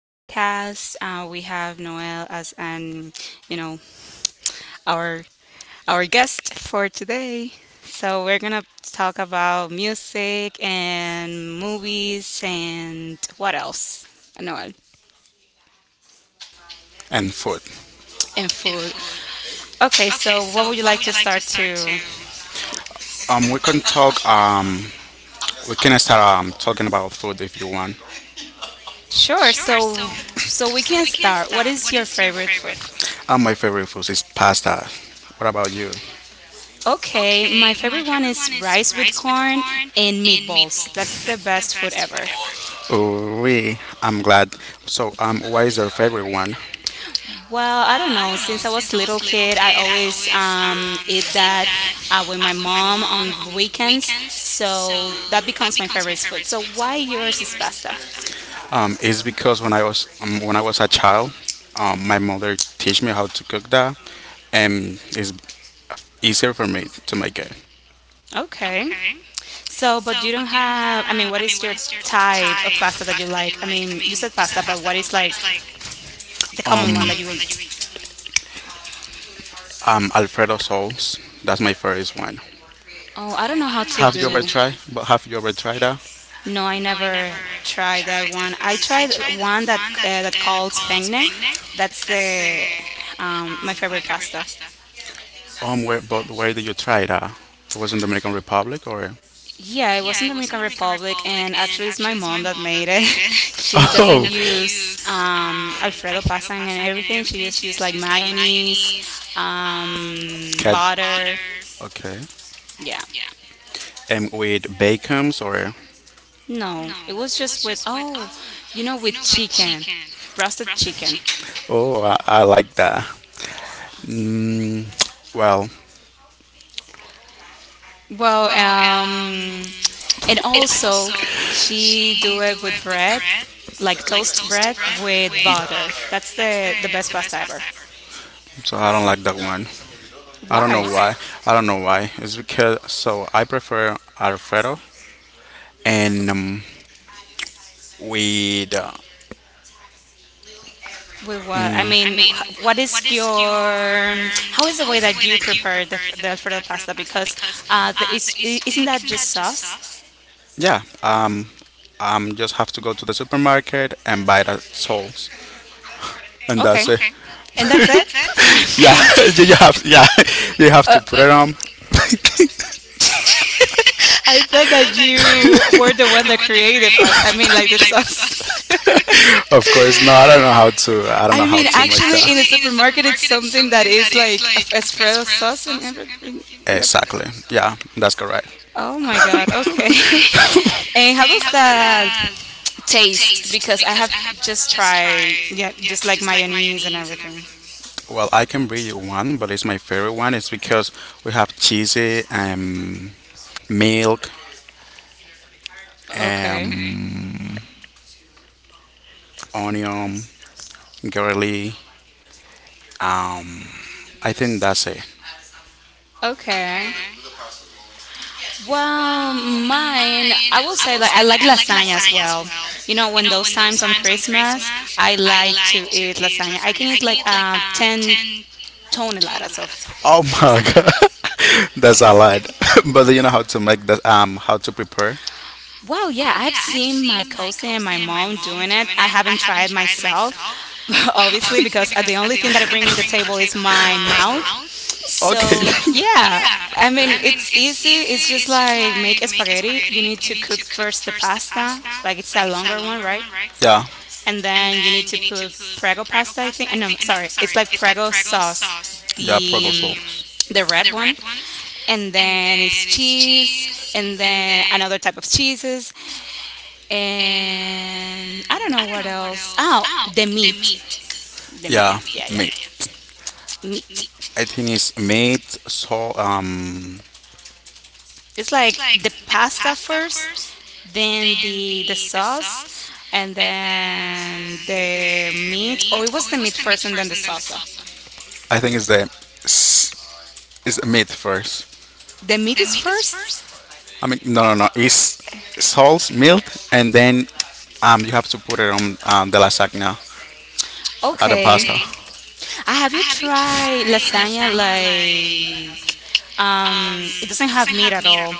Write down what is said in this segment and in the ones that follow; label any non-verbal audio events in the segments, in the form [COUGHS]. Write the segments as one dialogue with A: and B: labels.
A: podcast. We have Noel as an, you know, our our guest for today. So we're gonna talk about music and movies and what else, Noel,
B: And food.
A: and food. Okay, so what would you like to start to?
B: We can talk. We can start talking about food if you want.
A: Sure. So we can
B: [COUGHS]
A: start. What is your favorite food?
B: My favorite food is pasta. What about you?
A: Okay, my
B: Okay,
A: favorite one is rice with corn
B: mine
A: and
B: and
A: meatballs. That's the best food ever.
B: Oh, we. I'm glad. So, what is your favorite one?
A: Well,
B: When
A: I
B: I
A: don't know. Since I was little
B: was a
A: kid, I
B: kid, I
A: always
B: always
A: eat
B: eat
A: that
B: that
A: with my
B: with my
A: mom
B: mom on
A: on weekends.
B: weekends, so
A: So that
B: that
A: becomes my
B: becomes my
A: favorite
B: favorite
A: food. So
B: food. So
A: why
B: why
A: yours is pasta?
B: It's because when I was a child, my mother teach me how to cook that, and it's easier for me to make it.
A: Okay. So, but you don't have, I mean, what is your type of
B: Type
A: pasta
B: of
A: that you like? I
B: like
A: mean, you said pasta, but what is like the common one that
B: Common
A: you
B: one that you
A: eat?
B: eat. Alfredo sauce. That's my favorite one.
A: Oh, I don't know how to
B: Have you ever
A: do.
B: tried? But have you ever tried that?
A: No, I never tried that one. I tried one that
B: One that
A: that calls
B: calls
A: penne.
B: penne.
A: That's
B: That's the
A: the my
B: my
A: favorite
B: favorite
A: pasta.
B: pasta. Where did you try that? It was in Dominican Republic, or
A: Yeah, it was in Dominican Republic,
B: Public
A: and
B: and
A: actually, it's my mom that made it.
B: made
A: [LAUGHS]
B: it. [LAUGHS]
A: She
B: Oh.
A: doesn't
B: Doesn't
A: use
B: use
A: Alfredo pasta and everything. She just used like mayonnaise,
B: mayonnaise. Um, Cat-
A: butter.
B: Okay.
A: Yeah,
B: Yeah. And with bacons or
A: no, it was just with with chicken,
B: Chicken.
A: roasted
B: Roasted
A: chicken.
B: chicken. Oh, I like that. Mm, well,
A: Well,
B: Well,
A: and
B: and also
A: also she do
B: she
A: it with bread, like
B: like
A: toast
B: toast
A: bread
B: bread
A: with
B: with
A: butter. That's
B: pepper.
A: the best pasta ever.
B: So I don't like that one. I don't know
A: Why?
B: why. I don't know why. It's because so I prefer Alfredo and with
A: With
B: Well,
A: what? I
B: I
A: mean,
B: mean,
A: what is
B: ask you
A: your?
B: um,
A: How is the
B: how
A: way
B: is
A: that
B: it
A: you
B: that you
A: prepare the Alfredo pasta? Because
B: guys, um, is,
A: isn't that
B: is,
A: just sauce?
B: Yeah, just have to go to the supermarket and buy the soles, and
A: Okay,
B: that's it. Okay,
A: and that's
B: that's
A: it.
B: it? [LAUGHS]
A: [LAUGHS] I mean,
B: Yeah, [LAUGHS] you have, yeah, [LAUGHS] you have to put it on. [LAUGHS]
A: I thought that you were the
B: That
A: one that
B: you
A: created
B: created
A: pasta. I
B: was,
A: mean,
B: I
A: like
B: mean,
A: the
B: like,
A: sauce.
B: of course, no, I don't know how to. I
A: [LAUGHS]
B: don't know
A: I
B: how are
A: mean,
B: you to. Yeah,
A: actually, in the
B: actually in
A: supermarket, it's something that is like Alfredo sauce and everything.
B: it?
A: That's it.
B: Exactly. Yeah, that's correct.
A: Oh my
B: Oh my
A: God.
B: god, okay.
A: Okay. [LAUGHS] And how
B: [LAUGHS] And
A: does
B: how
A: that taste,
B: taste,
A: because I
B: because
A: have just
B: just
A: tried,
B: try,
A: yeah,
B: yeah,
A: just like mayonnaise and
B: mayonnaise?
A: everything.
B: Well, I can read you one, but it's my favorite one. It's because we have cheesy, milk,
A: Okay.
B: um, onion, garlic. Um, I think that's it.
A: Okay. Well, mine,
B: Mine,
A: I will say like I like lasagna as
B: lasagnas.
A: well. You know,
B: You
A: when
B: know
A: those
B: what?
A: times on Christmas, I
B: I
A: like to
B: can
A: eat
B: eat
A: lasagna.
B: las-
A: I can
B: I
A: eat
B: can
A: like
B: eat
A: 10 toneladas of
B: Oh my [LAUGHS]
A: lasagna.
B: god, [LAUGHS] that's a
A: Yeah.
B: lot. [LAUGHS] But do you know how to make that? How to prepare?
A: Well, yeah, I've seen my cousin and my mom doing it. I
B: Lasagna
A: haven't tried myself, [LAUGHS] obviously, because the
B: because
A: only
B: the
A: thing that
B: only
A: I
B: thing
A: bring
B: that
A: on
B: I
A: the
B: bring on the
A: table is
B: table is
A: my
B: my
A: mouth.
B: mouth. Okay.
A: So,
B: So
A: yeah, I
B: yeah,
A: mean,
B: I mean
A: it's
B: it's
A: easy. It's
B: easy.
A: just
B: It's just
A: like make
B: like making
A: spaghetti. You
B: spaghetti,
A: need to cook first the pasta, like it's a longer one, right?
B: yeah.
A: And
B: And
A: then you need
B: then
A: to
B: you need to
A: put Prego
B: put
A: pasta, I think. No, sorry, it's like Prego sauce,
B: Yeah, Prego
A: the
B: the,
A: um,
B: sauce.
A: the red one, and
B: And
A: then it's
B: then it's
A: cheese
B: cheese,
A: and
B: and
A: then
B: then
A: another type of cheeses and
B: and
A: I don't know
B: I don't
A: what
B: know what
A: else.
B: else.
A: Oh,
B: Oh,
A: the
B: the meat.
A: meat. The
B: The,
A: meat.
B: yeah,
A: Yeah,
B: meat. Yeah,
A: yeah.
B: meat, yeah.
A: Meat.
B: I think it's meat, so
A: It's like the pasta first, then
B: Then
A: the
B: the
A: sauce, and
B: and then
A: then the
B: the
A: meat. Oh, it was
B: meat.
A: the meat first and then the salsa.
B: I think it's the s- it's the meat first.
A: The meat
B: The
A: is first?
B: I mean, no, no, no. It's salt, milk, and then you have to put it on the lasagna, or the
A: Okay.
B: pasta. Okay.
A: Have
B: I
A: you
B: have you
A: tried
B: tried
A: lasagna
B: like
A: like
B: um
A: it doesn't have meat at
B: mira?
A: all.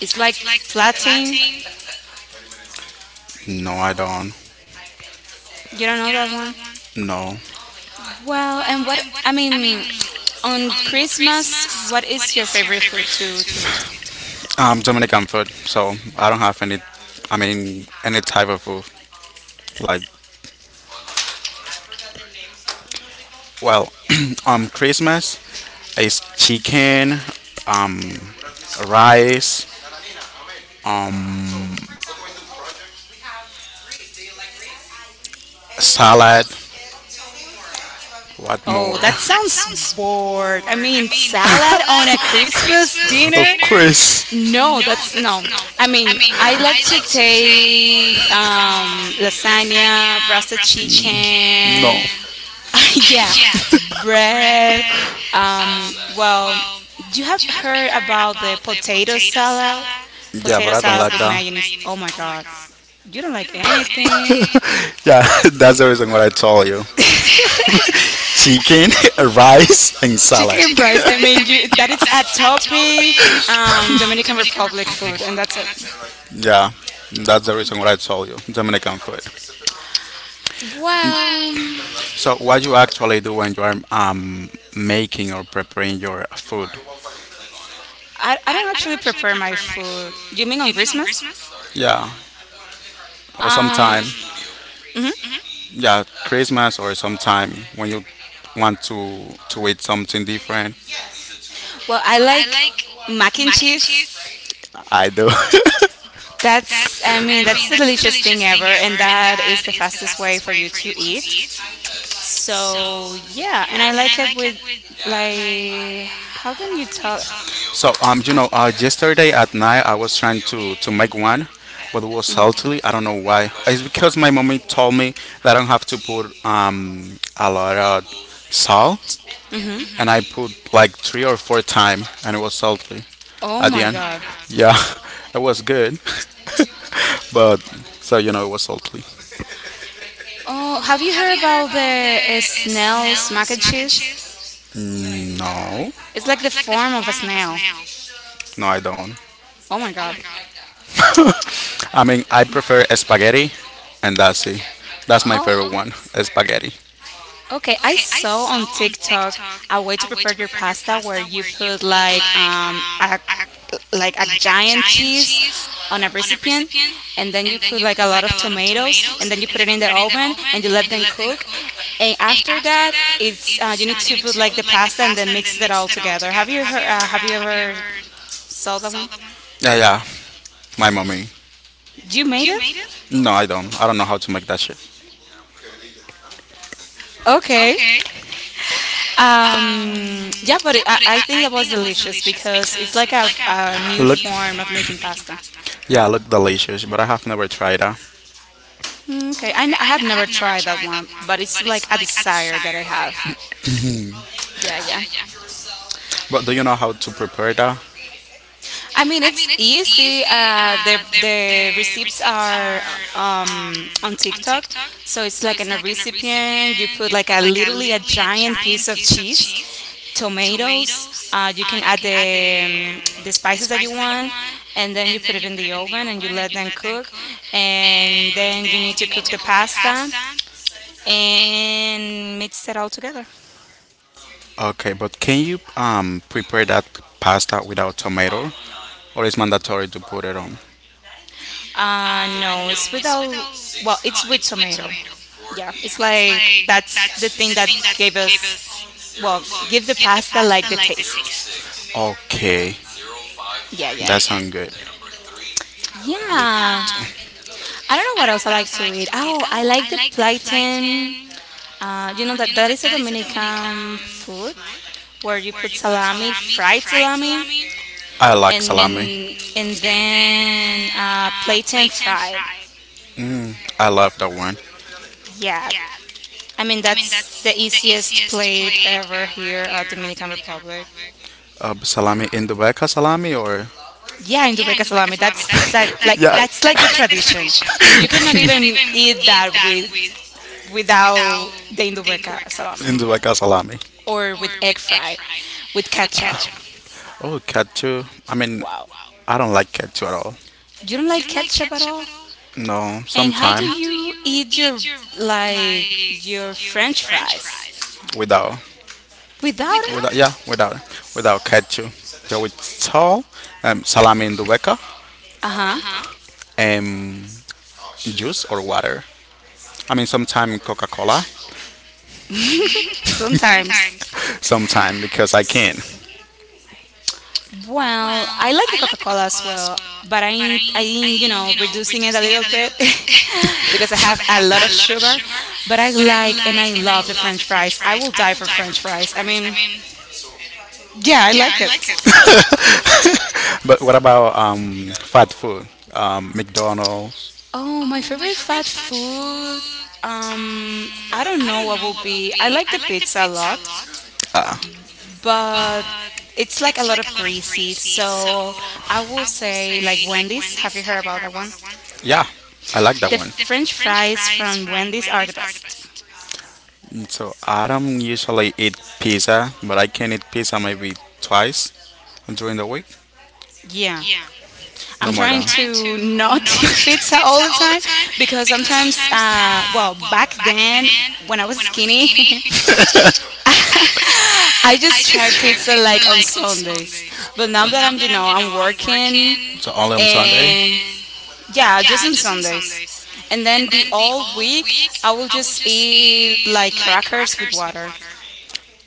A: It's like
B: It's like
A: flattening.
B: flattening. No, I don't.
A: You don't know
B: You
A: that one?
B: don't know No.
A: Well,
B: What,
A: and what I mean on Christmas,
B: unless
A: what
B: what
A: is your
B: is your
A: favorite
B: favorite
A: food
B: food
A: to
B: to
A: to eat?
B: Dominican food, so I don't have any. I mean, any type of food like Well, [CLEARS THROAT] Christmas is chicken, um, rice, um, salad. What more?
A: Oh, that sounds bored. I
B: I
A: mean,
B: mean, [LAUGHS]
A: salad on a
B: on a
A: Christmas
B: Christmas Of
A: dinner?
B: dinner, course.
A: No, that's no. I
B: I
A: mean,
B: mean,
A: I like
B: I
A: to
B: like to
A: take
B: take um,
A: lasagna,
B: lasagna,
A: roasted
B: the chicken. No. [LAUGHS]
A: chicken, [LAUGHS] yeah,
B: Yeah.
A: bread.
B: Bread.
A: Um,
B: Um,
A: well,
B: well,
A: you have
B: do you have
A: heard
B: heard
A: about the potato
B: potatoes?
A: salad?
B: Yeah,
A: Potato
B: but I don't Turns
A: salad
B: like Potatoes
A: with
B: that, with
A: mayonnaise. Oh
B: mayonnaise.
A: my
B: Oh my
A: God.
B: god.
A: You don't
B: You
A: like
B: don't like
A: anything.
B: anything. [LAUGHS] Yeah, [LAUGHS] that's the reason what I told you. Chicken, [LAUGHS] rice, and
A: Chicken
B: salad.
A: and
B: Chicken [LAUGHS]
A: rice. I
B: fried.
A: mean, you
B: You,
A: that is
B: that
A: a topic.
B: is
A: Dominican Republic food, and that's it.
B: [LAUGHS] so Yeah, that's the reason what I told you. Dominican food. What?
A: Well,
B: So, what you actually do when you are making or preparing your food?
A: I don't
B: My
A: actually prepare my food. You mean
B: food.
A: on
B: You mean
A: Christmas?
B: Yeah, or
A: Um,
B: sometime,
A: mhm.
B: yeah, Christmas or sometime when you want to eat something different.
A: Well, I
B: What?
A: like mac and
B: Mac and cheese?
A: cheese.
B: I know. [LAUGHS]
A: That's, I
B: That's
A: mean, that's the delicious thing ever, and that is the fastest way for you to
B: it.
A: eat.
B: So,
A: So yeah, and I
B: and
A: like
B: I
A: it
B: like
A: with
B: my
A: like, how can you talk?
B: so you know,
A: I've,
B: yesterday at night I was trying to make one, but it was salty. I don't know why. It's because my mommy told me that I don't have to put a lot of salt,
A: Mm-hmm.
B: and I put like three or four times, and it was salty
A: Oh
B: at the
A: my
B: end.
A: God.
B: Yeah, [LAUGHS] it was good, [LAUGHS] but so you know, it was salty.
A: Oh, have
B: uh,
A: you heard about the snail's mac and cheese?
B: it's no.
A: It's like the form of a snail.
B: Now. No, I don't.
A: Oh my God.
B: I mean, I prefer spaghetti, and that's it. That's my favorite one, spaghetti.
A: Okay, I saw on TikTok a way to prepare your pasta where you put like
B: Like
A: a like a giant
B: giant
A: cheese
B: cheese
A: on a
B: on
A: recipient and then you
B: and
A: put like a lot of tomatoes
B: tomatoes,
A: and then you
B: and
A: put it
B: then you
A: in
B: put
A: the
B: it in the
A: oven and you let them cook and
B: and
A: after that it's you
B: it's
A: need to put like the pasta and then mix it all together. Have you heard have you ever saw that
B: so
A: one
B: Yeah, yeah, my mommy.
A: you made
B: You
A: it?
B: make No, I don't. I don't know how to make that shit.
A: Okay.
B: Okay. Uh,
A: Yeah, but I think that was delicious
B: it's
A: because it's
B: because
A: like
B: it's like
A: a
B: a
A: new
B: Look, new
A: form of
B: form
A: making
B: of making
A: pasta.
B: pasta. Yeah, look delicious, but I have never tried that.
A: Mm, okay,
B: Okay,
A: I have
B: I
A: never
B: have never
A: tried
B: done,
A: that one, but it's like a desire that I have.
B: but
A: Yeah, yeah.
B: yeah, yeah. But do you know how to prepare that?
A: I mean,
B: I mean,
A: it's
B: it's
A: easy.
B: easy.
A: Uh,
B: uh,
A: the
B: The
A: the receipts are on TikTok, so it's
B: so
A: like in a recipient. You put
B: recipient
A: like a literally a
B: really add
A: giant piece of cheese, tomatoes.
B: tomatoes.
A: You can
B: You
A: add
B: can add the
A: the spices that you want, and then
B: and
A: you put it in the oven and you let them cook. And
B: and
A: then you
B: then
A: need to
B: you need
A: cook
B: to
A: the
B: cook the
A: pasta
B: pasta. And
A: and mix it all together.
B: Okay, but can you prepare that pasta without tomato, or is mandatory to put it on?
A: No, it's without. Well, it's
B: Well,
A: with tomato. Yeah,
B: yeah,
A: it's
B: it's
A: like
B: like
A: that's the
B: that's
A: thing that gave
B: the give
A: us
B: us
A: well,
B: well
A: give the
B: give the,
A: pasta like the
B: the
A: taste.
B: taste. Okay,
A: Yeah, yeah.
B: that sounds good. I
A: Yeah. I don't know what else I like to eat. Oh, I like the plantain.
B: don't
A: You know that that is a Dominican food where
B: food.
A: you
B: Were
A: put salami,
B: we
A: fried salami,
B: I like salami.
A: and and
B: Mm, and
A: then
B: then,
A: uh, plantain fried.
B: Mm, I love that one.
A: Yeah,
B: Yeah.
A: I mean,
B: I mean,
A: that's
B: that's
A: the
B: the
A: easiest
B: easiest
A: plate
B: plate
A: ever
B: over
A: here at
B: here.
A: Dominican Republic.
B: Salami in the back, salami or?
A: Yeah, in
B: Yeah,
A: Dubeca salami.
B: that's,
A: That's
B: [LAUGHS]
A: that
B: that's,
A: like
B: Yeah. Like,
A: that's like the
B: that's like
A: tradition.
B: delicious.
A: You cannot
B: You cannot [LAUGHS]
A: even
B: even
A: eat
B: eat
A: that
B: with,
A: without the
B: the
A: Indubeca
B: rice
A: salami
B: in the back, salami.
A: or
B: Or
A: with egg
B: with egg.
A: fry, with
B: With
A: ketchup.
B: Oh, cat too. I mean,
A: Wow.
B: I don't like cat too at all.
A: You don't like ketchup at all?
B: No, and
A: And how
B: sometime
A: do
B: how do
A: you
B: you
A: eat your
B: eat your
A: like your
B: like your
A: french
B: French
A: fries?
B: fries
A: Without
B: without,
A: it?
B: without? yeah, without, without ketchup. Yeah, with salt, salami in the weka,
A: Uh-huh.
B: and juice or water. I mean, sometime Coca-Cola,
A: Sometimes.
B: [LAUGHS] sometime because I can.
A: Well, I like the Coca-Cola as well, but I
B: But I
A: need I
B: need, I
A: am, you
B: need,
A: know, reducing it a
B: using it
A: little
B: a little,
A: bit [LAUGHS] because I have
B: because
A: a lot of sugar, but I
B: I, [LAUGHS]
A: like and I love the french fries. I will die for french fries. I
B: but I
A: mean,
B: mean
A: yeah, I
B: yeah,
A: like it.
B: but what about fat food? McDonald's.
A: Oh, my favorite fast
B: Fast
A: food. I don't know what will
B: food.
A: be. I
B: Be.
A: like
B: I
A: the pizza a lot,
B: Uh, but
A: but it's like a
B: it's
A: lot of greasy.
B: greasy, so
A: So I will
B: I would
A: say like
B: say like
A: Wendy's. Have you heard about that one?
B: yeah, I like that
A: The
B: one. The
A: French
B: French
A: fries
B: fries.
A: from Wendy's are the best.
B: Mm, so I don't usually eat pizza, but I can eat pizza maybe twice during the week.
A: Yeah,
B: Yeah.
A: I'm
B: No more I'm than.
A: trying
B: Trying
A: to
B: not
A: not [LAUGHS]
B: [LAUGHS] to
A: eat pizza
B: get
A: all the
B: fat all
A: time
B: the time
A: because
B: because
A: sometimes,
B: sometimes,
A: well,
B: well,
A: back
B: back
A: then
B: then
A: when I was
B: when I was
A: skinny,
B: skinny,
A: [LAUGHS]
B: [LAUGHS]
A: I
B: I
A: just
B: just
A: try pizza
B: tried.
A: like on Sundays. But now
B: But
A: that
B: not
A: you know, I'm working
B: working So only on Sunday.
A: and
B: And
A: yeah, just
B: yeah,
A: on Sundays. And then the all week,
B: week,
A: I will
B: I will
A: just
B: just
A: eat
B: eat
A: like
B: like
A: crackers with water.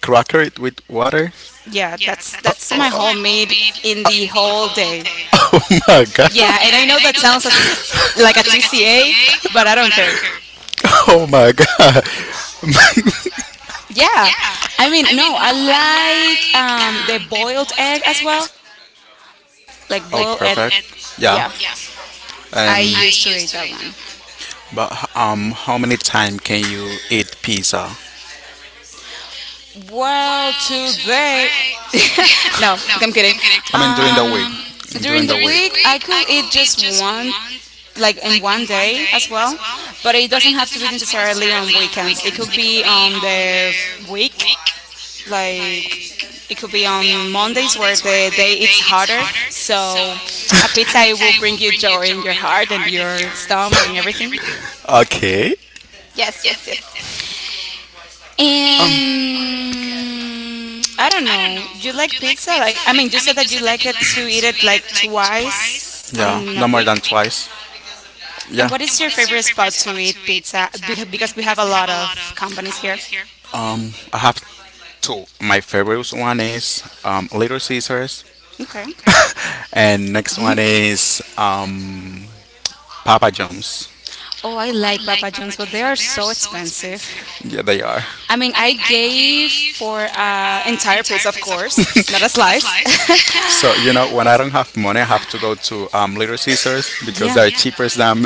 B: Cracker it with water.
A: Yeah,
B: Yeah,
A: that's
B: that's
A: that's my whole meal
B: homemade
A: in the
B: in the
A: whole day.
B: [LAUGHS] Oh my god. [LAUGHS]
A: Yeah, and
B: Yeah.
A: I know
B: And I
A: that
B: know that
A: sounds like a
B: sounds like a
A: TCA,
B: TCA,
A: but I don't
B: but I
A: care.
B: don't care. Oh my god.
A: Yeah,
B: Yeah,
A: I mean,
B: I mean
A: no,
B: no,
A: I
B: I
A: like
B: like
A: the boiled egg as
B: egg as
A: well, like
B: Oh, like,
A: boiled
B: all
A: egg.
B: perfect egg. Yeah.
A: Yeah,
B: Yeah,
A: I
B: I
A: used to
B: used
A: eat
B: to
A: that
B: eat that
A: one.
B: one. But how many times can you eat pizza? Why? [LAUGHS]
A: Well, today, [LAUGHS] no,
B: No,
A: I'm kidding.
B: I'm kidding. I mean during
A: Um,
B: the during
A: during
B: the
A: the
B: During week. The
A: week, I
B: week, week,
A: could eat
B: it
A: just one, like in
B: like
A: one day as
B: day,
A: well, but it
B: but
A: doesn't
B: it
A: have to
B: doesn't
A: be necessarily on
B: hardly on
A: weekends. It
B: weekends.
A: could
B: It could
A: be
B: be
A: on
B: on
A: the week like
B: like
A: it could
B: it
A: be
B: could be
A: on
B: on
A: Mondays where the day
B: a
A: it's
B: day. Either.
A: harder. So a
B: So, [LAUGHS]
A: pizza it will bring you joy in your heart and your
B: so
A: stomach and everything.
B: everything. Okay.
A: Yes, yes,
B: Yes,
A: yes.
B: yes. Um.
A: And I don't
B: And
A: know.
B: I
A: Do you like
B: you like
A: pizza? Like I mean, you said that you like it to
B: it
A: eat
B: to
A: it
B: eat it
A: like twice
B: twice. Yeah,
A: on
B: on
A: a
B: no more than
A: week.
B: weekend? Twice.
A: And
B: Yeah.
A: what
B: And
A: is your
B: what is your
A: favorite spot to eat
B: to eat?
A: pizza? We have- Because we have a lot of companies here.
B: I have two. My favorite one is Little Caesars,
A: Okay.
B: [LAUGHS] and next one is Papa John's.
A: Oh, I like Papa John's, but they are so expensive.
B: Yeah, they are.
A: I mean,
B: I
A: I
B: mean, I
A: gave
B: gave.
A: for entire piece, of
B: Because of
A: course,
B: course, [LAUGHS]
A: not a
B: that's
A: slice.
B: life. [LAUGHS] So you know, when I don't have money, I have to go to Little Caesars
A: [LAUGHS]
B: because
A: Yeah,
B: they're Yeah, cheaper than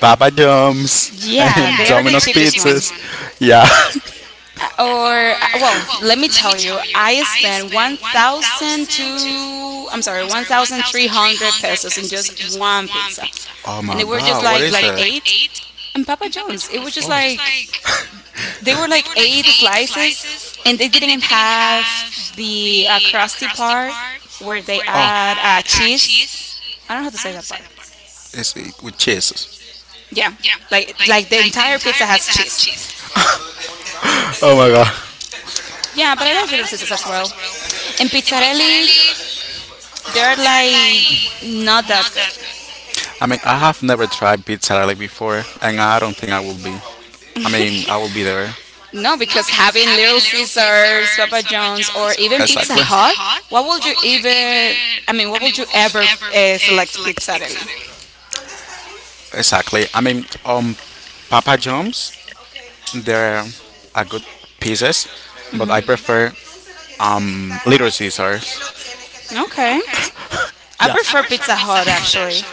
B: Papa John's and Yeah,
A: yeah,
B: they
A: they are the
B: Domino's were the
A: cheapest one.
B: cheapest pizzas. One. Yeah. [LAUGHS]
A: Or well,
B: Or
A: let me tell you, I spent one thousand two. I'm sorry, one thousand three
B: even Three
A: hundred pesos in just
B: hundreds
A: one
B: only.
A: pizza,
B: Oh
A: and
B: my
A: they
B: They
A: were just
B: God, were what is just
A: like
B: is like, it? Like
A: eight. And Papa
B: eight.
A: John's, it was just like
B: Like
A: they were
B: they
A: like
B: were like
A: eight
B: eight,
A: slices, and they
B: and
A: didn't
B: they
A: even
B: didn't even
A: have
B: have
A: the
B: the
A: crusty part where they
B: where they Oh.
A: add
B: Add like
A: cheese.
B: cheese.
A: I don't know how to say that part.
B: It's with cheese.
A: Yeah,
B: Yeah, like
A: like the entire pizza has
B: that's
A: cheese.
B: cheese. Oh my god.
A: Yeah, but I like
B: Yeah.
A: Little Caesars as well. And
B: In
A: Pizzarelli,
B: Italy,
A: they're
B: they are
A: like
B: like
A: not that good.
B: I mean, I have never tried pizza before, and I don't think I will be. I mean, I will be there.
A: No, because having
B: Having
A: Little
B: little seats
A: Caesars, Papa John's, or
B: or even
A: even Pizza
B: Exactly.
A: Hut, what would you
B: What would you
A: even?
B: even
A: I mean,
B: I
A: what would
B: mean
A: you ever select Pizzarelli?
B: exactly. Exactly. I mean, Papa John's, they're a good pieces, but I prefer Little Caesars.
A: Okay, I
B: Yeah.
A: prefer
B: Absolutely.
A: Pizza Hut actually.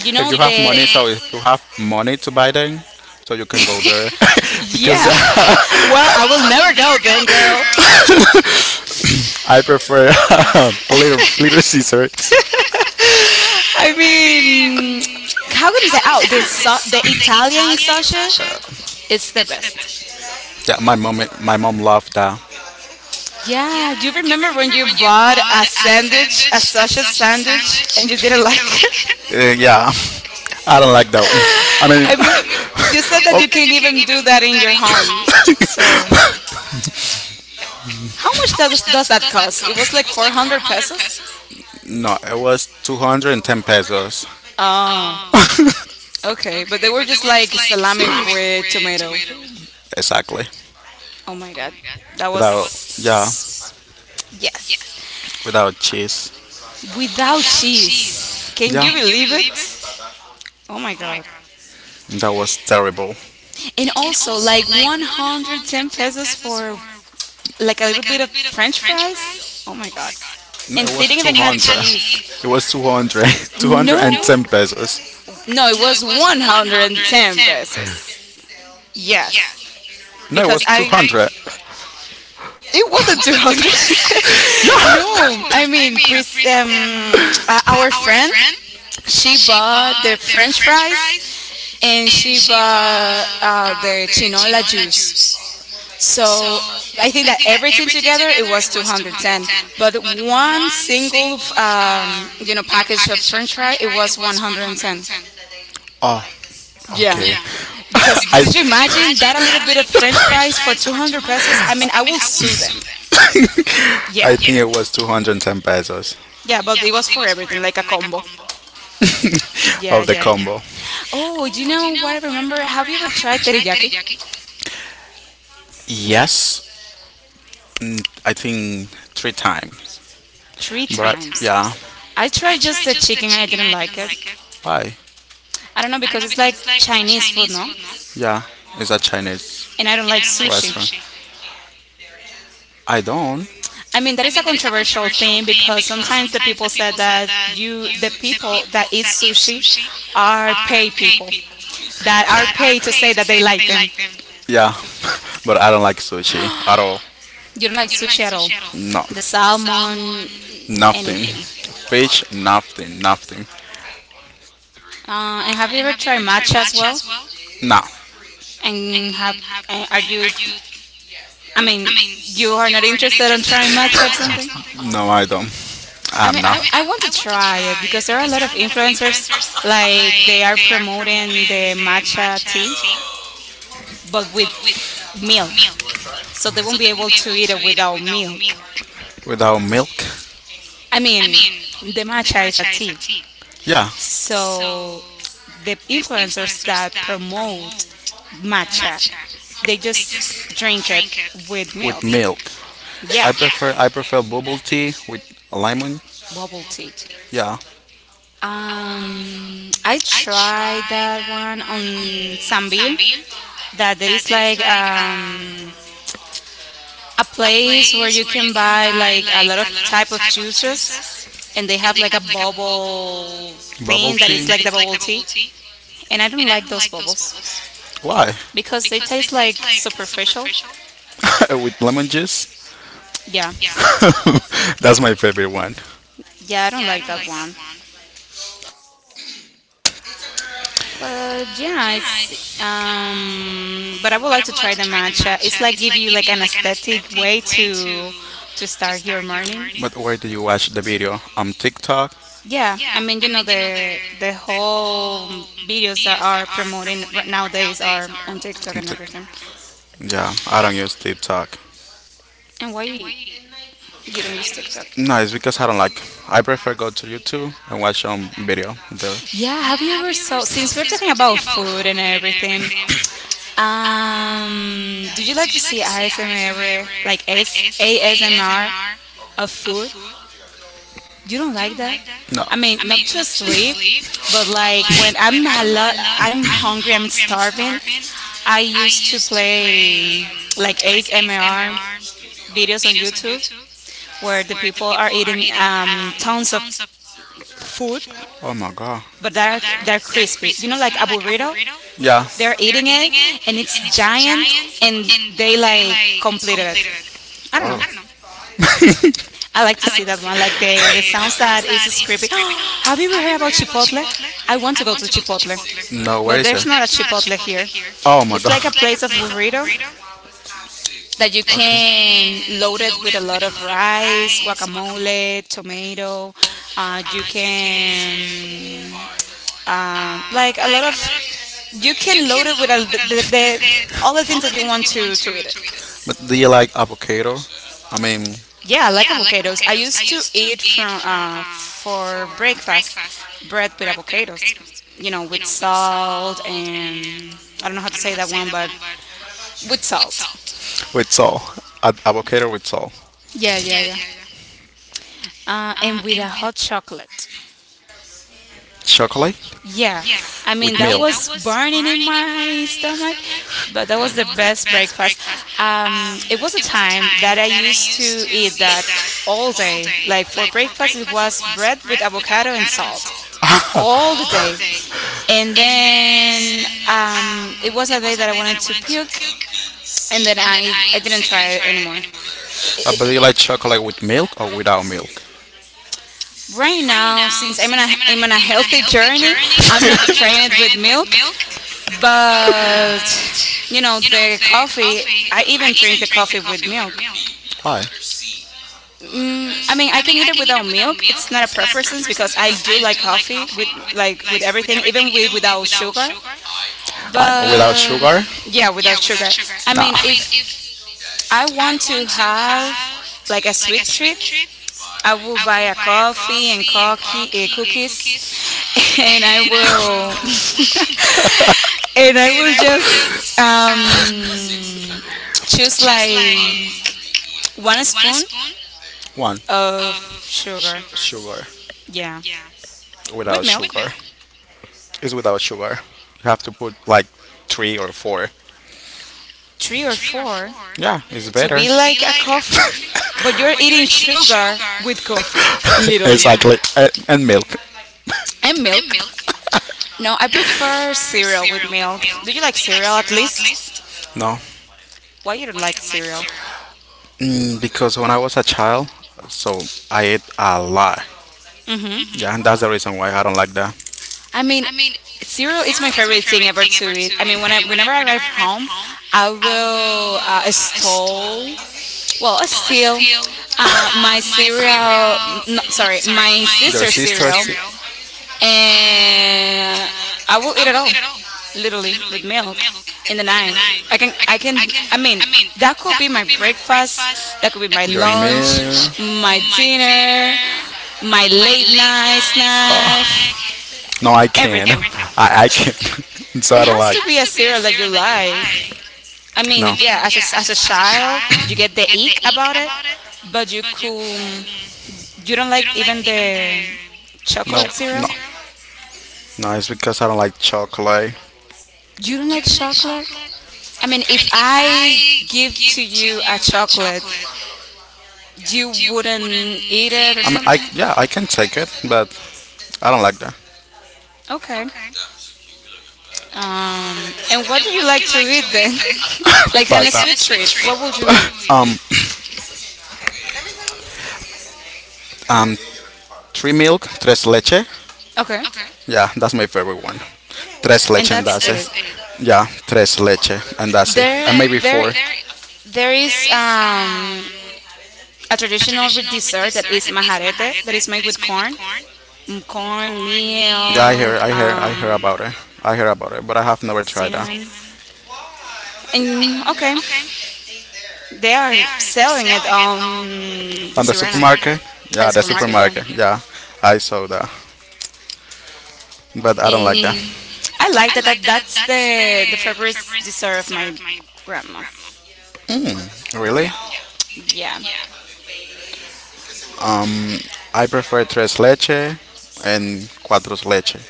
A: You
B: If
A: know
B: you have
A: the
B: money, so if you have money to buy them, so you can go there [LAUGHS] because
A: yeah. [LAUGHS]
B: [LAUGHS]
A: Well, I will never go then, girl.
B: I prefer little little scissors.
A: I
B: I mean,
A: mean, how can I
B: how
A: say? Oh, the
B: soft the
A: Italian
B: Italian
A: sausage,
B: sausage
A: it's the
B: is
A: best.
B: best. Yeah, my mom loved that.
A: Yeah, do
B: Yeah,
A: you remember when you bought a sandwich, a sausage sandwich,
B: sandwich.
A: and you didn't like it?
B: Yeah, I don't like that. I
A: [LAUGHS]
B: mean,
A: I
B: you [LAUGHS]
A: mean, you said
B: oh,
A: that you
B: said that
A: can
B: you can
A: even
B: give it
A: do that in your
B: in your
A: home.
B: home.
A: So, how much does that
B: [LAUGHS]
A: cost?
B: How
A: It was
B: much
A: like
B: was
A: 400 pesos.
B: it? No, it was 210 pesos.
A: Oh,
B: Um, [LAUGHS]
A: okay, but they
B: Okay,
A: were
B: but they
A: just
B: were just
A: like
B: like
A: salami
B: salami
A: with
B: with
A: tomato.
B: tomatoes. Exactly.
A: Oh my
B: Oh
A: god,
B: my god.
A: that
B: That
A: was
B: Without, was yeah, Yes.
A: yes,
B: Without cheese.
A: without
B: Without cheese.
A: cheese. Can
B: Yeah,
A: you
B: can you
A: believe it? Oh my god.
B: that was terrible.
A: And
B: Believe? And
A: also like 110 pesos for like a little
B: like
A: bit of french
B: French?
A: fries. Oh my god.
B: No,
A: And
B: it was and they
A: they didn't
B: didn't even
A: even have
B: 200. Have [LAUGHS]
A: cheese.
B: cheese. It was 200.
A: No.
B: 210 [LAUGHS] pesos.
A: No, it
B: No.
A: was 110 pesos. Yes.
B: Yes. No, it
A: Because
B: was Because
A: I
B: 200. [LAUGHS]
A: It wasn't 200.
B: No,
A: [LAUGHS] No. I
B: I
A: mean,
B: mean, with um,
A: our friend
B: friend, she
A: she
B: she had
A: bought the
B: a
A: french
B: French,
A: fries and
B: and
A: she bought the chinola
B: Latino
A: juice,
B: Jews. So
A: so I think
B: I
A: that
B: think,
A: everything together it was 210, but
B: but
A: one single
B: um,
A: package of french fry it was 110.
B: Oh, okay.
A: Yeah,
B: Yeah, [LAUGHS]
A: because
B: because
A: did
B: you,
A: you
B: did you say
A: imagine that a little bit of french
B: French
A: fries for 200 pesos? I mean,
B: language?
A: I
B: I mean,
A: will
B: I will
A: sue
B: sue
A: them.
B: them. [LAUGHS]
A: Yeah,
B: I think, yeah, it was 210 pesos.
A: yeah, but
B: Yeah,
A: it was for everything, like a combo.
B: [LAUGHS]
A: Yeah,
B: of the yeah, yeah.
A: yeah.
B: Combo. Have
A: Oh, do you know what I remember? Have you ever
B: you
A: tried
B: tried?
A: teriyaki?
B: Yes, I think three times.
A: Three
B: Three
A: times.
B: yeah,
A: I
B: times? I
A: tried just
B: tried
A: the
B: just the
A: chicken and I
B: chicken.
A: didn't
B: I
A: like
B: don't,
A: it.
B: why?
A: I don't know, because
B: I
A: it's like Chinese food, no?
B: yeah, it's a Chinese
A: And I don't
B: don't, and
A: like
B: I don't like
A: sushi.
B: Restaurant. Sushi. I don't.
A: I mean, that
B: I'm
A: is a controversial thing because
B: thing
A: sometimes the people said that you
B: because
A: the people that eat
B: I eat
A: sushi
B: sushi.
A: are
B: I
A: paid
B: pay
A: people
B: people.
A: that are
B: I
A: paid to
B: pay
A: say
B: to
A: that they like them.
B: send. Yeah, [LAUGHS] but I don't like sushi at all.
A: You
B: You
A: don't like
B: don't, you
A: sushi at all.
B: don't know.
A: The salmon,
B: No, nothing.
A: anything.
B: Fish, nothing, nothing.
A: And have you ever tried
B: And
A: matcha as
B: matcha
A: well?
B: as well. No,
A: And have
B: and have
A: and are you?
B: are you?
A: I
B: I
A: mean,
B: mean,
A: you are
B: you
A: not
B: are not
A: interested on
B: interested in
A: trying matcha or something?
B: trying matcha. No, I don't.
A: I
B: I'm
A: mean,
B: not. I mean,
A: I want to try it because there are a lot of influencers like
B: like
A: they are
B: they are
A: promoting the
B: promoting the
A: matcha
B: matcha
A: tea,
B: tea,
A: but with
B: but with
A: milk.
B: milk.
A: So they won't
B: So
A: be able to eat
B: to
A: it
B: eat
A: without milk.
B: it. Without milk,
A: I
B: I
A: mean,
B: mean,
A: the matcha is a tea.
B: tea. Yeah. So
A: So the influencers
B: there's
A: that
B: that.
A: promote matcha, they
B: They
A: just
B: just
A: drink it
B: drink
A: with
B: With
A: milk.
B: milk. Milk. I yeah,
A: Yeah,
B: prefer I prefer bubble tea with lemon.
A: bubble
B: Bubble
A: tea.
B: tea. Yeah. Um,
A: I
B: I tried
A: tried that one on Sambil.
B: Sambil.
A: That there
B: That
A: is
B: there is
A: like
B: like
A: a
B: a
A: place where
B: place
A: you
B: where
A: can
B: you can
A: buy like a
B: like
A: lot of type of juices, and they have like a
B: and
A: bubble
B: they bubble
A: thing
B: things
A: that
B: tea.
A: is
B: That
A: like the
B: is like
A: bubble tea, and I
B: and
A: don't
B: I
A: like
B: don't
A: those bubbles
B: why? [LAUGHS] Because
A: because
B: it's
A: they taste like superficial.
B: official. [LAUGHS] With lemon juice. [LAUGHS]
A: Yeah,
B: Yeah. That's my favorite one.
A: yeah, I don't
B: Yeah.
A: like that one. But yeah, it's but I would like to try the matcha. It's like give you
B: Give
A: like
B: you
A: an
B: like a tip
A: aesthetic way
B: where
A: to
B: to
A: start
B: start
A: your morning.
B: it. But where do you watch the video? On TikTok?
A: Yeah, I
B: Yeah,
A: mean, the whole videos that
B: videos.
A: are promoting right nowadays are on TikTok and everything.
B: Yeah, I don't use TikTok.
A: And why
B: You don't
A: you don't use
B: use
A: TikTok?
B: TikTok. No, it's because I don't like. I prefer go to YouTube and watch some video there.
A: Yeah, have
B: Yeah,
A: you ever saw, since we're talking about food
B: and
A: and everything?
B: everything. Um,
A: Do you like
B: do
A: to
B: you like
A: see
B: to see
A: ASMR,
B: ASMR,
A: like
B: like
A: S A S M R
B: ASMR
A: of
B: of
A: food?
B: food?
A: You
B: You
A: don't like
B: don't
A: that?
B: like that? No,
A: I mean,
B: I
A: not
B: mean,
A: to
B: not to
A: sleep,
B: sleep,
A: but
B: but
A: like when
B: like
A: I'm hungry, I'm starving. I
B: I
A: used to
B: used to
A: play
B: play
A: like
B: like
A: ASMR
B: ASMR
A: videos on
B: videos on
A: YouTube
B: YouTube
A: where the
B: where the
A: people are
B: people are
A: eating
B: eating
A: tons of
B: tongue,
A: food,
B: Oh my god. But
A: but they're crispy. You know, like a burrito.
B: yeah.
A: They're
B: They're
A: eating
B: eating
A: it,
B: it
A: and it's
B: and it's
A: giant,
B: giant
A: and
B: and
A: they
B: they
A: like
B: like,
A: completed
B: com-
A: it. I don't
B: Oh.
A: know.
B: I don't know. I
A: I
B: don't
A: like to see that
B: see
A: one.
B: them.
A: Like
B: Like
A: the sounds
B: the
A: that
B: sound
A: is
B: is
A: creepy. [GASPS]
B: creepy. [GASPS]
A: Have you
B: How
A: ever heard about Chipotle? I want
B: I
A: to go
B: wonder.
A: to Chipotle,
B: No, where
A: but
B: is it?
A: there's not a Chipotle here.
B: Oh my
A: It's
B: god.
A: like a
B: It's [LAUGHS] like a
A: place of
B: plate of
A: burrito
B: burrito that
A: that
B: you
A: you
B: okay.
A: can load
B: Can
A: it
B: load
A: with a
B: it with
A: lot
B: a
A: of
B: lot of
A: rice,
B: rice, guacamole.
A: guacamole, tomato. You
B: You can
A: can
B: Um,
A: like a lot
B: like a
A: of
B: lot of,
A: you
B: you
A: can
B: can
A: load it
B: load
A: with
B: it
A: a,
B: with
A: the- all the
B: all
A: things that
B: the
A: you
B: things that
A: want
B: you want
A: to eat
B: to
A: it.
B: eat. But do you like avocado? I mean,
A: Yeah, I like
B: yes,
A: avocados. I
B: I
A: used to
B: used to
A: eat
B: eat
A: from
B: from
A: for
B: for
A: breakfast bread with
B: bread,
A: avocados. You know,
B: you know,
A: with
B: with salt.
A: salt and I don't know how to say
B: I
A: that one, but with salt.
B: don't- with salt. Avocado with salt.
A: Yeah,
B: Yeah,
A: yeah, yeah.
B: yeah, yeah. Um,
A: And with a hot chocolate.
B: Chocolate.
A: Yeah,
B: Yeah.
A: I
B: With
A: mean,
B: I mean,
A: that
B: milk. That
A: was
B: was
A: burning in
B: barney,
A: my stomach, but that was the
B: because,
A: best breakfast.
B: um,
A: It was a
B: it was
A: time
B: time
A: that I
B: that I
A: used
B: used
A: to
B: to
A: eat
B: eat
A: that
B: that
A: all
B: all
A: day.
B: day,
A: Like for breakfast, it was bread with avocado and salt
B: like
A: all the
B: all
A: day.
B: day.
A: And
B: And
A: then
B: then I,
A: it was a day that I wanted to puke, and then
B: and then
A: I didn't
B: I didn't
A: try it anymore.
B: try more. But do you like chocolate with milk or without milk? Right,
A: Right now, since
B: since
A: I'm on a
B: I'm not
A: healthy
B: health
A: journey,
B: training,
A: I'm not
B: I'm not [LAUGHS]
A: trained with
B: trained.
A: milk, but
B: But
A: you know
B: you know
A: the
B: the
A: coffee.
B: coffee,
A: I
B: I
A: even drink
B: even
A: the
B: drink
A: coffee with milk.
B: milk. Why?
A: I mean, I
B: I
A: can
B: mean
A: eat
B: I
A: it
B: can eat
A: without milk. It's not a
B: it's
A: preference because I do like coffee with
B: coffee with
A: like with
B: like
A: everything, even with without sugar.
B: without
A: But
B: sugar?
A: yeah,
B: Yeah
A: without
B: without
A: sugar.
B: sugar.
A: I
B: Nah.
A: mean,
B: I mean
A: if
B: if
A: I
B: I
A: want to
B: want to
A: have
B: have
A: like a
B: like a
A: sweet
B: sweet
A: treat,
B: treat,
A: I will
B: I
A: buy a
B: will buy a
A: coffee and
B: coffee and
A: cookie,
B: coffee,
A: cookies,
B: cookies,
A: [LAUGHS] and I
B: [LAUGHS] and I will
A: will [LAUGHS] and I will just
B: [LAUGHS] um,
A: choose
B: choose
A: like
B: like
A: one spoon
B: One
A: of
B: of
A: sugar.
B: sugar. Sugar
A: Yeah,
B: yeah.
A: with
B: Without
A: milk,
B: sugar. It's without sugar. You have to put like three or four.
A: three or four
B: Yeah, it's
A: to
B: better.
A: be
B: To be
A: like a
B: like a
A: coffee,
B: coffee,
A: but
B: [LAUGHS]
A: you're
B: but you're
A: eating
B: eating
A: sugar with
B: sugar
A: coffee, literally,
B: exactly, and milk.
A: and
B: And
A: milk.
B: milk. No,
A: No,
B: I
A: I prefer
B: prefer
A: cereal with
B: cereal.
A: milk. Do you like cereal at least?
B: No,
A: Why you don't like
B: like
A: cereal?
B: cereal? Because when I was a child, so I ate a lot. Yeah, and that's the reason why I don't like that.
A: I mean, cereal is my favorite thing ever
B: Thing
A: to
B: ever to
A: eat. I
B: eat.
A: mean,
B: I mean, when
A: whenever I arrive home, I
B: I
A: will
B: stole
A: stole, well, steal
B: steal, um,
A: my cereal. No, sorry,
B: sorry,
A: my
B: my their
A: sister's
B: sister's sisters.
A: cereal,
B: Cereal, and
A: and I will eat
B: I
A: it
B: would
A: all, literally with milk in the
B: in the
A: night.
B: night.
A: I can.
B: I, can,
A: I
B: I
A: mean,
B: mean,
A: that could be
B: that's
A: my breakfast. That could be
B: that
A: my
B: could be your my
A: lunch,
B: lunch, meal.
A: my
B: My
A: dinner,
B: dinner,
A: my
B: my
A: late
B: late
A: night
B: night Oh,
A: snack,
B: snack. No, I can't.
A: everything.
B: [LAUGHS] I can't. [LAUGHS] So
A: It
B: I don't
A: has
B: like.
A: to be a cereal that you like.
B: I,
A: I
B: mean, no. I
A: mean,
B: mean,
A: yeah, as
B: yeah,
A: as a
B: as a
A: child,
B: child,
A: you get
B: you
A: the
B: get
A: ick
B: ick,
A: about it,
B: but
A: but
B: you,
A: you
B: but
A: could. You don't
B: you
A: like
B: don't,
A: even the chocolate
B: chocolate. No, no,
A: cereal?
B: no. It's because I don't like chocolate. I
A: You don't like chocolate? I
B: mean,
A: mean, if
B: if
A: I
B: I
A: give
B: give
A: to
B: to
A: you
B: you,
A: a chocolate, you
B: do you
A: wouldn't eat it
B: eat
A: or
B: it? I mean, I
A: something?
B: yeah, I can take it, but I don't like that.
A: Okay.
B: Okay. And
A: And what do you
B: what do
A: like
B: you
A: to
B: like?
A: eat then?
B: [LAUGHS]
A: [LAUGHS]
B: Like,
A: Like,
B: but,
A: and a
B: like on a
A: sweet
B: sweet
A: treat,
B: treat.
A: what would you
B: What [LAUGHS]
A: eat?
B: would you eat? Um, Three milk, tres leche.
A: Okay.
B: Okay. Yeah, that's my favorite one. Tres
A: And
B: leche and
A: that's
B: that's it.
A: it.
B: Yeah, tres leche and that's it. And
A: There,
B: maybe
A: there
B: four.
A: There is a traditional dessert that is majarete, that is made with corn, corn,
B: Yeah, I hear,
A: milk,
B: I hear, I hear about it. I hear about it, but I have never tried that. They
A: cinnamon. And okay, they are selling it on the
B: on the
A: Sirena,
B: supermarket?
A: at the
B: Yeah, the
A: supermarket, yeah.
B: supermarket. Yeah, I saw that, but I don't like that.
A: And I like that, that's the favorite dessert of my grandma.
B: Really?
A: Yeah. Yeah.
B: Yeah. Um, I prefer tres leche and cuatro leche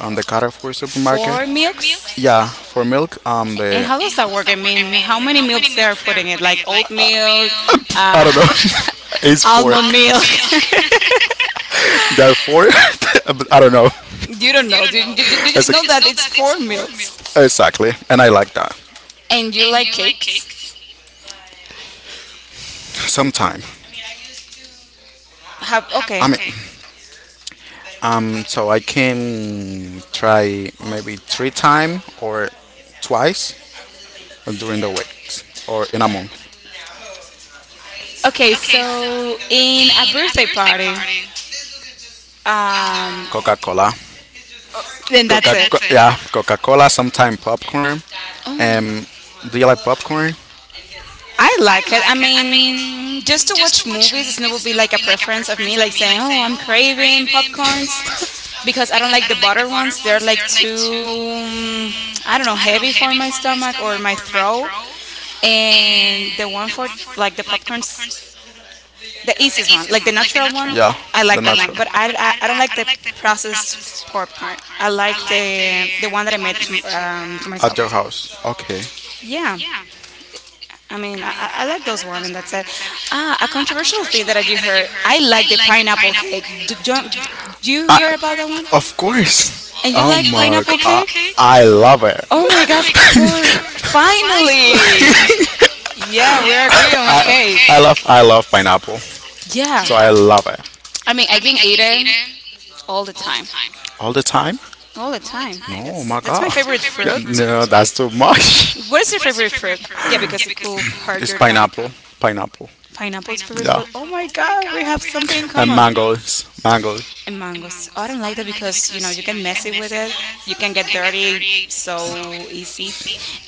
B: on the Carrefour supermarket.
A: Four milks.
B: Yeah, for milk,
A: And
B: the [LAUGHS]
A: how does that work? I mean, how many
B: I mean,
A: milks they're putting it?
B: put
A: Like
B: in like
A: oat milk,
B: oatmeal. I
A: uh,
B: don't know. [LAUGHS] It's
A: [LAUGHS]
B: four.
A: almond milk.
B: There are four. [LAUGHS] But I don't know
A: [LAUGHS] You don't know. You
B: it's
A: just
B: a,
A: know that it's four milks.
B: exactly, and I like that
A: And you
B: and
A: like
B: you like
A: cakes?
B: cakes? Sometime.
A: Have
B: Have I
A: okay.
B: mean, cake. So I can try maybe three time or twice during the week or in a month.
A: Okay,
B: Okay.
A: so in a birthday party, um,
B: Coca Cola.
A: then that's
B: Coca
A: it.
B: that's yeah, Coca Cola, sometimes popcorn. Um do you like popcorn?
A: I like
B: I,
A: it. I
B: I mean,
A: mean, just to watch movies, it's not will be like a preference of me, like saying, "Oh, I'm craving
B: craving
A: popcorns," because I don't
B: because, I
A: like the butter ones. They're like too, I don't know, heavy for my stomach or my throat. And the
B: and
A: one
B: the
A: for
B: word
A: like the
B: like
A: popcorns, the easiest
B: the
A: one, like the natural one,
B: yeah.
A: I
B: The
A: like that
B: nut
A: one. But I don't like the
B: processed
A: processed popcorn.
B: popcorn.
A: I
B: I
A: like
B: like
A: the one that I
B: the
A: made to
B: at
A: myself.
B: your house. Okay.
A: Yeah.
B: Yeah.
A: I mean,
B: I mean,
A: I like those one, and that's it. Ah, a
B: I,
A: controversial thing that you heard. I like the pineapple cake.
B: do,
A: Don't
B: do, do you,
A: you heard about that one?
B: Of course.
A: And you
B: Oh you
A: like
B: my like god.
A: pineapple
B: Pineapple I,
A: cake?
B: cake? I love it. [LAUGHS]
A: Oh my
B: Oh
A: God!
B: my god,
A: For
B: you're [LAUGHS]
A: finally,
B: Yeah,
A: yeah, we agree on a
B: pineapple cake.
A: cake.
B: Love I love pineapple.
A: Yeah,
B: So I yeah. Love it.
A: I
B: I
A: mean,
B: mean,
A: I
B: I
A: can
B: can
A: eat
B: eat
A: it
B: it.
A: all the time,
B: All the time?
A: all the
B: All the
A: time.
B: time. No,
A: Yes,
B: my
A: that's my
B: god. It's my
A: favorite
B: favorite. Yeah, fruit.
A: fruit.
B: No, that's too much. [LAUGHS]
A: What is your
B: What is
A: favorite
B: it?
A: fruit?
B: For?
A: Yeah,
B: Like, yeah,
A: because it
B: because it's,
A: could
B: cool.
A: hurt
B: It's of
A: your
B: carbs.
A: tongue.
B: Pineapple. Pineapple.
A: Pineapple's
B: Pineapple.
A: favorite
B: Yeah.
A: fruit. Oh my God, we have something in
B: And
A: common.
B: mangoes. Mangoes.
A: And
B: And
A: mangoes. I
B: mangoes.
A: don't like that
B: Oh,
A: because you know you get messy with it. You can get
B: I
A: dirty
B: already ate
A: so easy,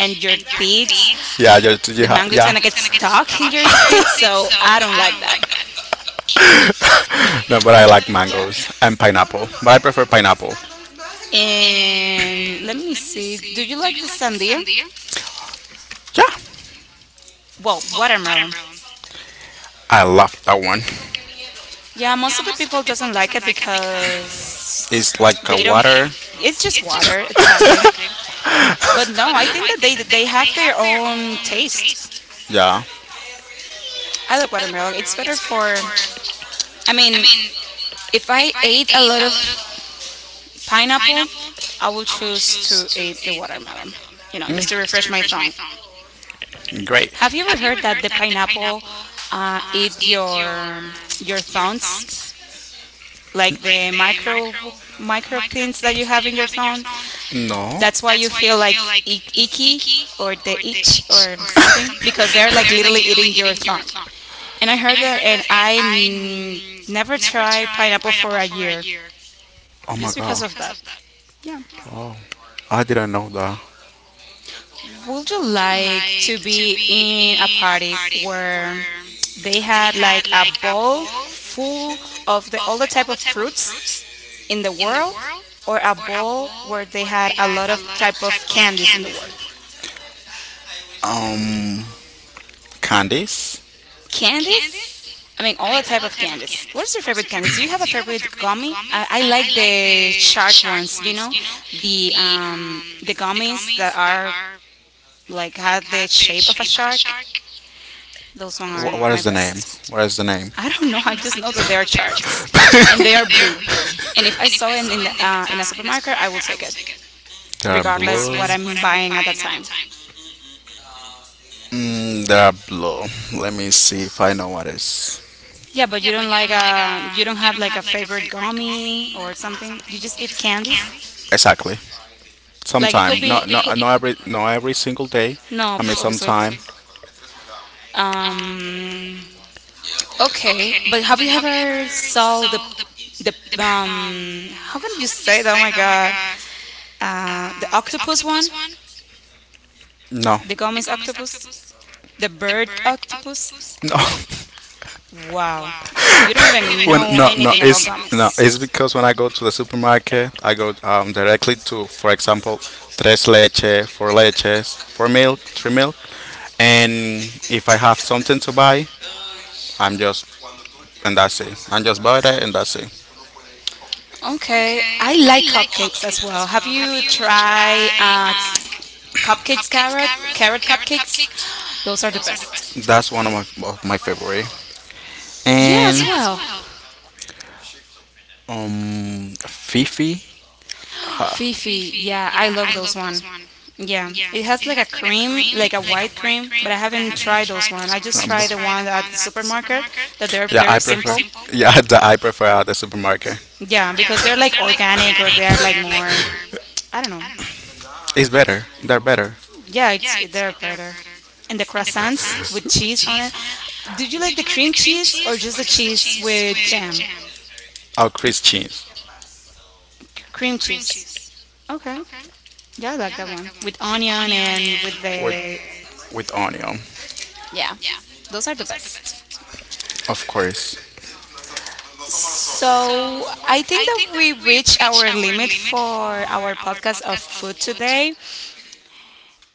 A: and your
B: and your
A: teeth.
B: deeds yeah, your
A: The
B: yeah,
A: mango is
B: yeah.
A: gonna
B: And it's
A: get
B: gonna get stuck
A: stuck
B: in
A: in your teeth,
B: the seeds,
A: so
B: so
A: I don't
B: I
A: like
B: don't
A: that.
B: like that. [LAUGHS] No, but I like
A: Yeah.
B: mangoes and pineapple. But I prefer pineapple.
A: And
B: And
A: let me
B: let me
A: see. Do
B: see,
A: you
B: do
A: like
B: you
A: the
B: like the
A: sandia?
B: sandia? Yeah.
A: Well,
B: Well,
A: watermelon.
B: I love that one.
A: Yeah, most of
B: Yeah,
A: the people doesn't like it because
B: it's like
A: they
B: a
A: don't.
B: water.
A: It's
B: It's
A: just
B: just,
A: water,
B: water, [LAUGHS]
A: exactly.
B: basically.
A: But no, I think that
B: But
A: they
B: they
A: have
B: have
A: their own taste.
B: taste. Yeah.
A: I like
B: I,
A: watermelon. It's better for. I mean,
B: mean,
A: if I
B: if I
A: ate a
B: ate
A: lot of
B: a
A: pineapple,
B: pineapple,
A: I will
B: I
A: choose to eat the watermelon. You know,
B: would
A: just to
B: eat,
A: refresh my
B: refresh my
A: tongue.
B: tongue. Great.
A: Have you ever
B: Have you
A: heard
B: ever
A: that
B: heard
A: the
B: that the
A: pineapple
B: pineapple
A: eat
B: eats
A: your
B: your
A: thorns,
B: thongs
A: like
B: like
A: the
B: the
A: micro
B: micro
A: micro things that you have in your thumb?
B: No.
A: That's why
B: That
A: you feel like icky
B: icky
A: or the
B: or, or
A: itch or something
B: something?
A: because they're like
B: [LAUGHS]
A: literally eating your thumb. And I heard that, and I
B: Because
A: never
B: and
A: tried pineapple for a year
B: I Oh my
A: just because
B: god.
A: of that. Yeah.
B: Oh, I didn't know that.
A: Would you like to
B: Like to
A: be
B: be
A: in a
B: in a
A: party
B: party
A: where
B: where
A: they
B: they
A: had
B: had
A: like a
B: like a
A: bowl
B: bowl of
A: full of the all the
B: all
A: type
B: the
A: of
B: type of
A: fruits
B: fruits
A: in the
B: in the
A: world,
B: world, or
A: or a
B: a
A: bowl
B: bowl
A: where they
B: where they
A: had a
B: had
A: lot
B: a
A: of
B: lot of
A: type
B: type
A: of
B: of
A: candies in the
B: candies.
A: world?
B: Um, Candice. I
A: Candies? I
B: mean,
A: mean all
B: I
A: the type of candies. What is
B: Candace.
A: your
B: What is
A: favorite
B: your
A: candies?
B: favorite
A: Do you have
B: Candace?
A: a
B: Do you have
A: favorite gummy? I like
B: like
A: the
B: the
A: shark
B: sharks?
A: ones, you know?
B: You know,
A: The
B: the
A: um the
B: the
A: gummies
B: things
A: that
B: that
A: are like
B: like
A: had the
B: has the
A: shape of a
B: shape of a
A: shark.
B: shark.
A: Those ones
B: Those ones? What
A: are
B: ones.
A: my
B: Is the name?
A: best.
B: What is the name?
A: I don't
B: I
A: know.
B: don't
A: I
B: know.
A: just
B: I
A: know
B: just
A: that
B: know
A: they are
B: that they are
A: sharks,
B: sharks [LAUGHS]
A: and they are
B: and they are
A: blue.
B: blue.
A: And if I
B: And if I
A: saw it
B: saw
A: in
B: it
A: the,
B: in the
A: in a
B: in a
A: supermarket, I will
B: supermarket, I
A: take
B: will
A: it,
B: take it. They are because
A: regardless
B: blue.
A: what
B: That's what
A: I'm
B: I'm
A: buying at that
B: buying at the
A: time.
B: time. They are blue. Let me see if I know what is.
A: Yeah, but
B: Yeah,
A: you
B: but
A: don't
B: you
A: like
B: don't like
A: a you don't have like a
B: have like a
A: favorite
B: favorite
A: gummy
B: gummy or
A: or something.
B: something.
A: You
B: You just
A: just eat
B: eat
A: candies.
B: candy. Exactly.
A: Like it could
B: Sometime.
A: be it could
B: Not every single day.
A: no
B: I mean no, so
A: obviously.
B: sometime.
A: Um, okay,
B: Okay.
A: but have you
B: So
A: ever saw the the
B: the problem
A: um how can you say that? Oh
B: is
A: my god,
B: uh,
A: the octopus one,
B: No,
A: the gummies octopus, the bird octopus.
B: no. [LAUGHS]
A: Wow,
B: Wow.
A: you don't
B: I don't
A: even
B: even [LAUGHS] when
A: know
B: no know no
A: anything about
B: it's anything about no
A: gummies.
B: this. It's because when I go to the supermarket, I go directly to, for example, tres leche, four leches, four milk, three milk, and if I have something to buy, I'm just and that's it. I'm just buy that and that's it.
A: Okay,
B: Okay,
A: I
B: I
A: like
B: like
A: cupcakes as
B: cupcakes
A: well.
B: as
A: Have
B: well. Have
A: you
B: you
A: tried
B: tried
A: cupcakes,
B: cupcakes,
A: carrot
B: carrot,
A: carrot
B: carrot
A: cupcakes?
B: cupcakes?
A: Those are the
B: Those are the
A: best.
B: best. That's one of my favorite.
A: Yeah,
B: And
A: as
B: yeah,
A: well.
B: Fifi. Huh.
A: Fifi, yeah, I
B: Yeah,
A: love those one. Yeah, it has like a cream,
B: cream,
A: like a white cream, but I
B: but
A: haven't
B: I
A: tried those one. I
B: want
A: just
B: to number.
A: tried the
B: Try
A: one at the supermarket
B: that
A: that they're
B: yeah, they're
A: very
B: I very prefer.
A: simple.
B: Simple. Yeah, [LAUGHS] the, I prefer at the supermarket.
A: Yeah,
B: Yeah,
A: because they're
B: because
A: like
B: they're
A: organic or
B: organic
A: they're
B: and
A: like
B: they're like
A: more,
B: more,
A: I don't know.
B: I don't know. It's better. They're better.
A: Yeah, it's
B: Yeah,
A: they're better. And the
B: and
A: croissants
B: the
A: with cheese
B: with.
A: on it.
B: Do
A: Do you like the
B: you like the
A: cream
B: cream
A: cheese or
B: cheese
A: just
B: or
A: the
B: just the
A: cheese
B: cheese
A: with jam?
B: our Christians
A: Cream
B: yeah,
A: cheese. Okay. Yeah, I like
B: I
A: that
B: like
A: one.
B: that one.
A: With
B: With
A: onion
B: onion
A: and with
B: and
A: the
B: with the. With onion,
A: yeah.
B: yeah,
A: Those are the
B: those are the
A: best.
B: best. Of course. So
A: So, I think
B: I
A: that
B: think that
A: we
B: we
A: reached
B: reached
A: our
B: our
A: limit
B: limit for
A: for our
B: our
A: podcast of
B: podcast of
A: food
B: food today.
A: today.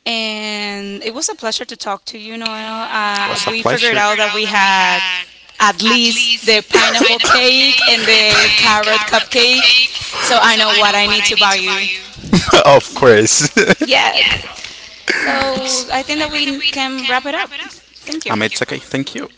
A: And it was a pleasure to talk to you,
B: You
A: Noel.
B: know, it was a
A: We
B: we
A: figured
B: pleasure.
A: out
B: Figured
A: that
B: out
A: we
B: that we
A: had
B: had
A: at
B: at
A: least the
B: least the
A: pineapple
B: pineapple
A: cake
B: cake
A: and
B: and the
A: the carrot cupcake.
B: cupcake.
A: So I know what I need to buy you.
B: So [LAUGHS] of course. [LAUGHS] Yeah,
A: Yes.
B: so
A: So I think that we
B: I
A: can wrap
B: can
A: it up. Thank you.
B: It's okay. Thank you.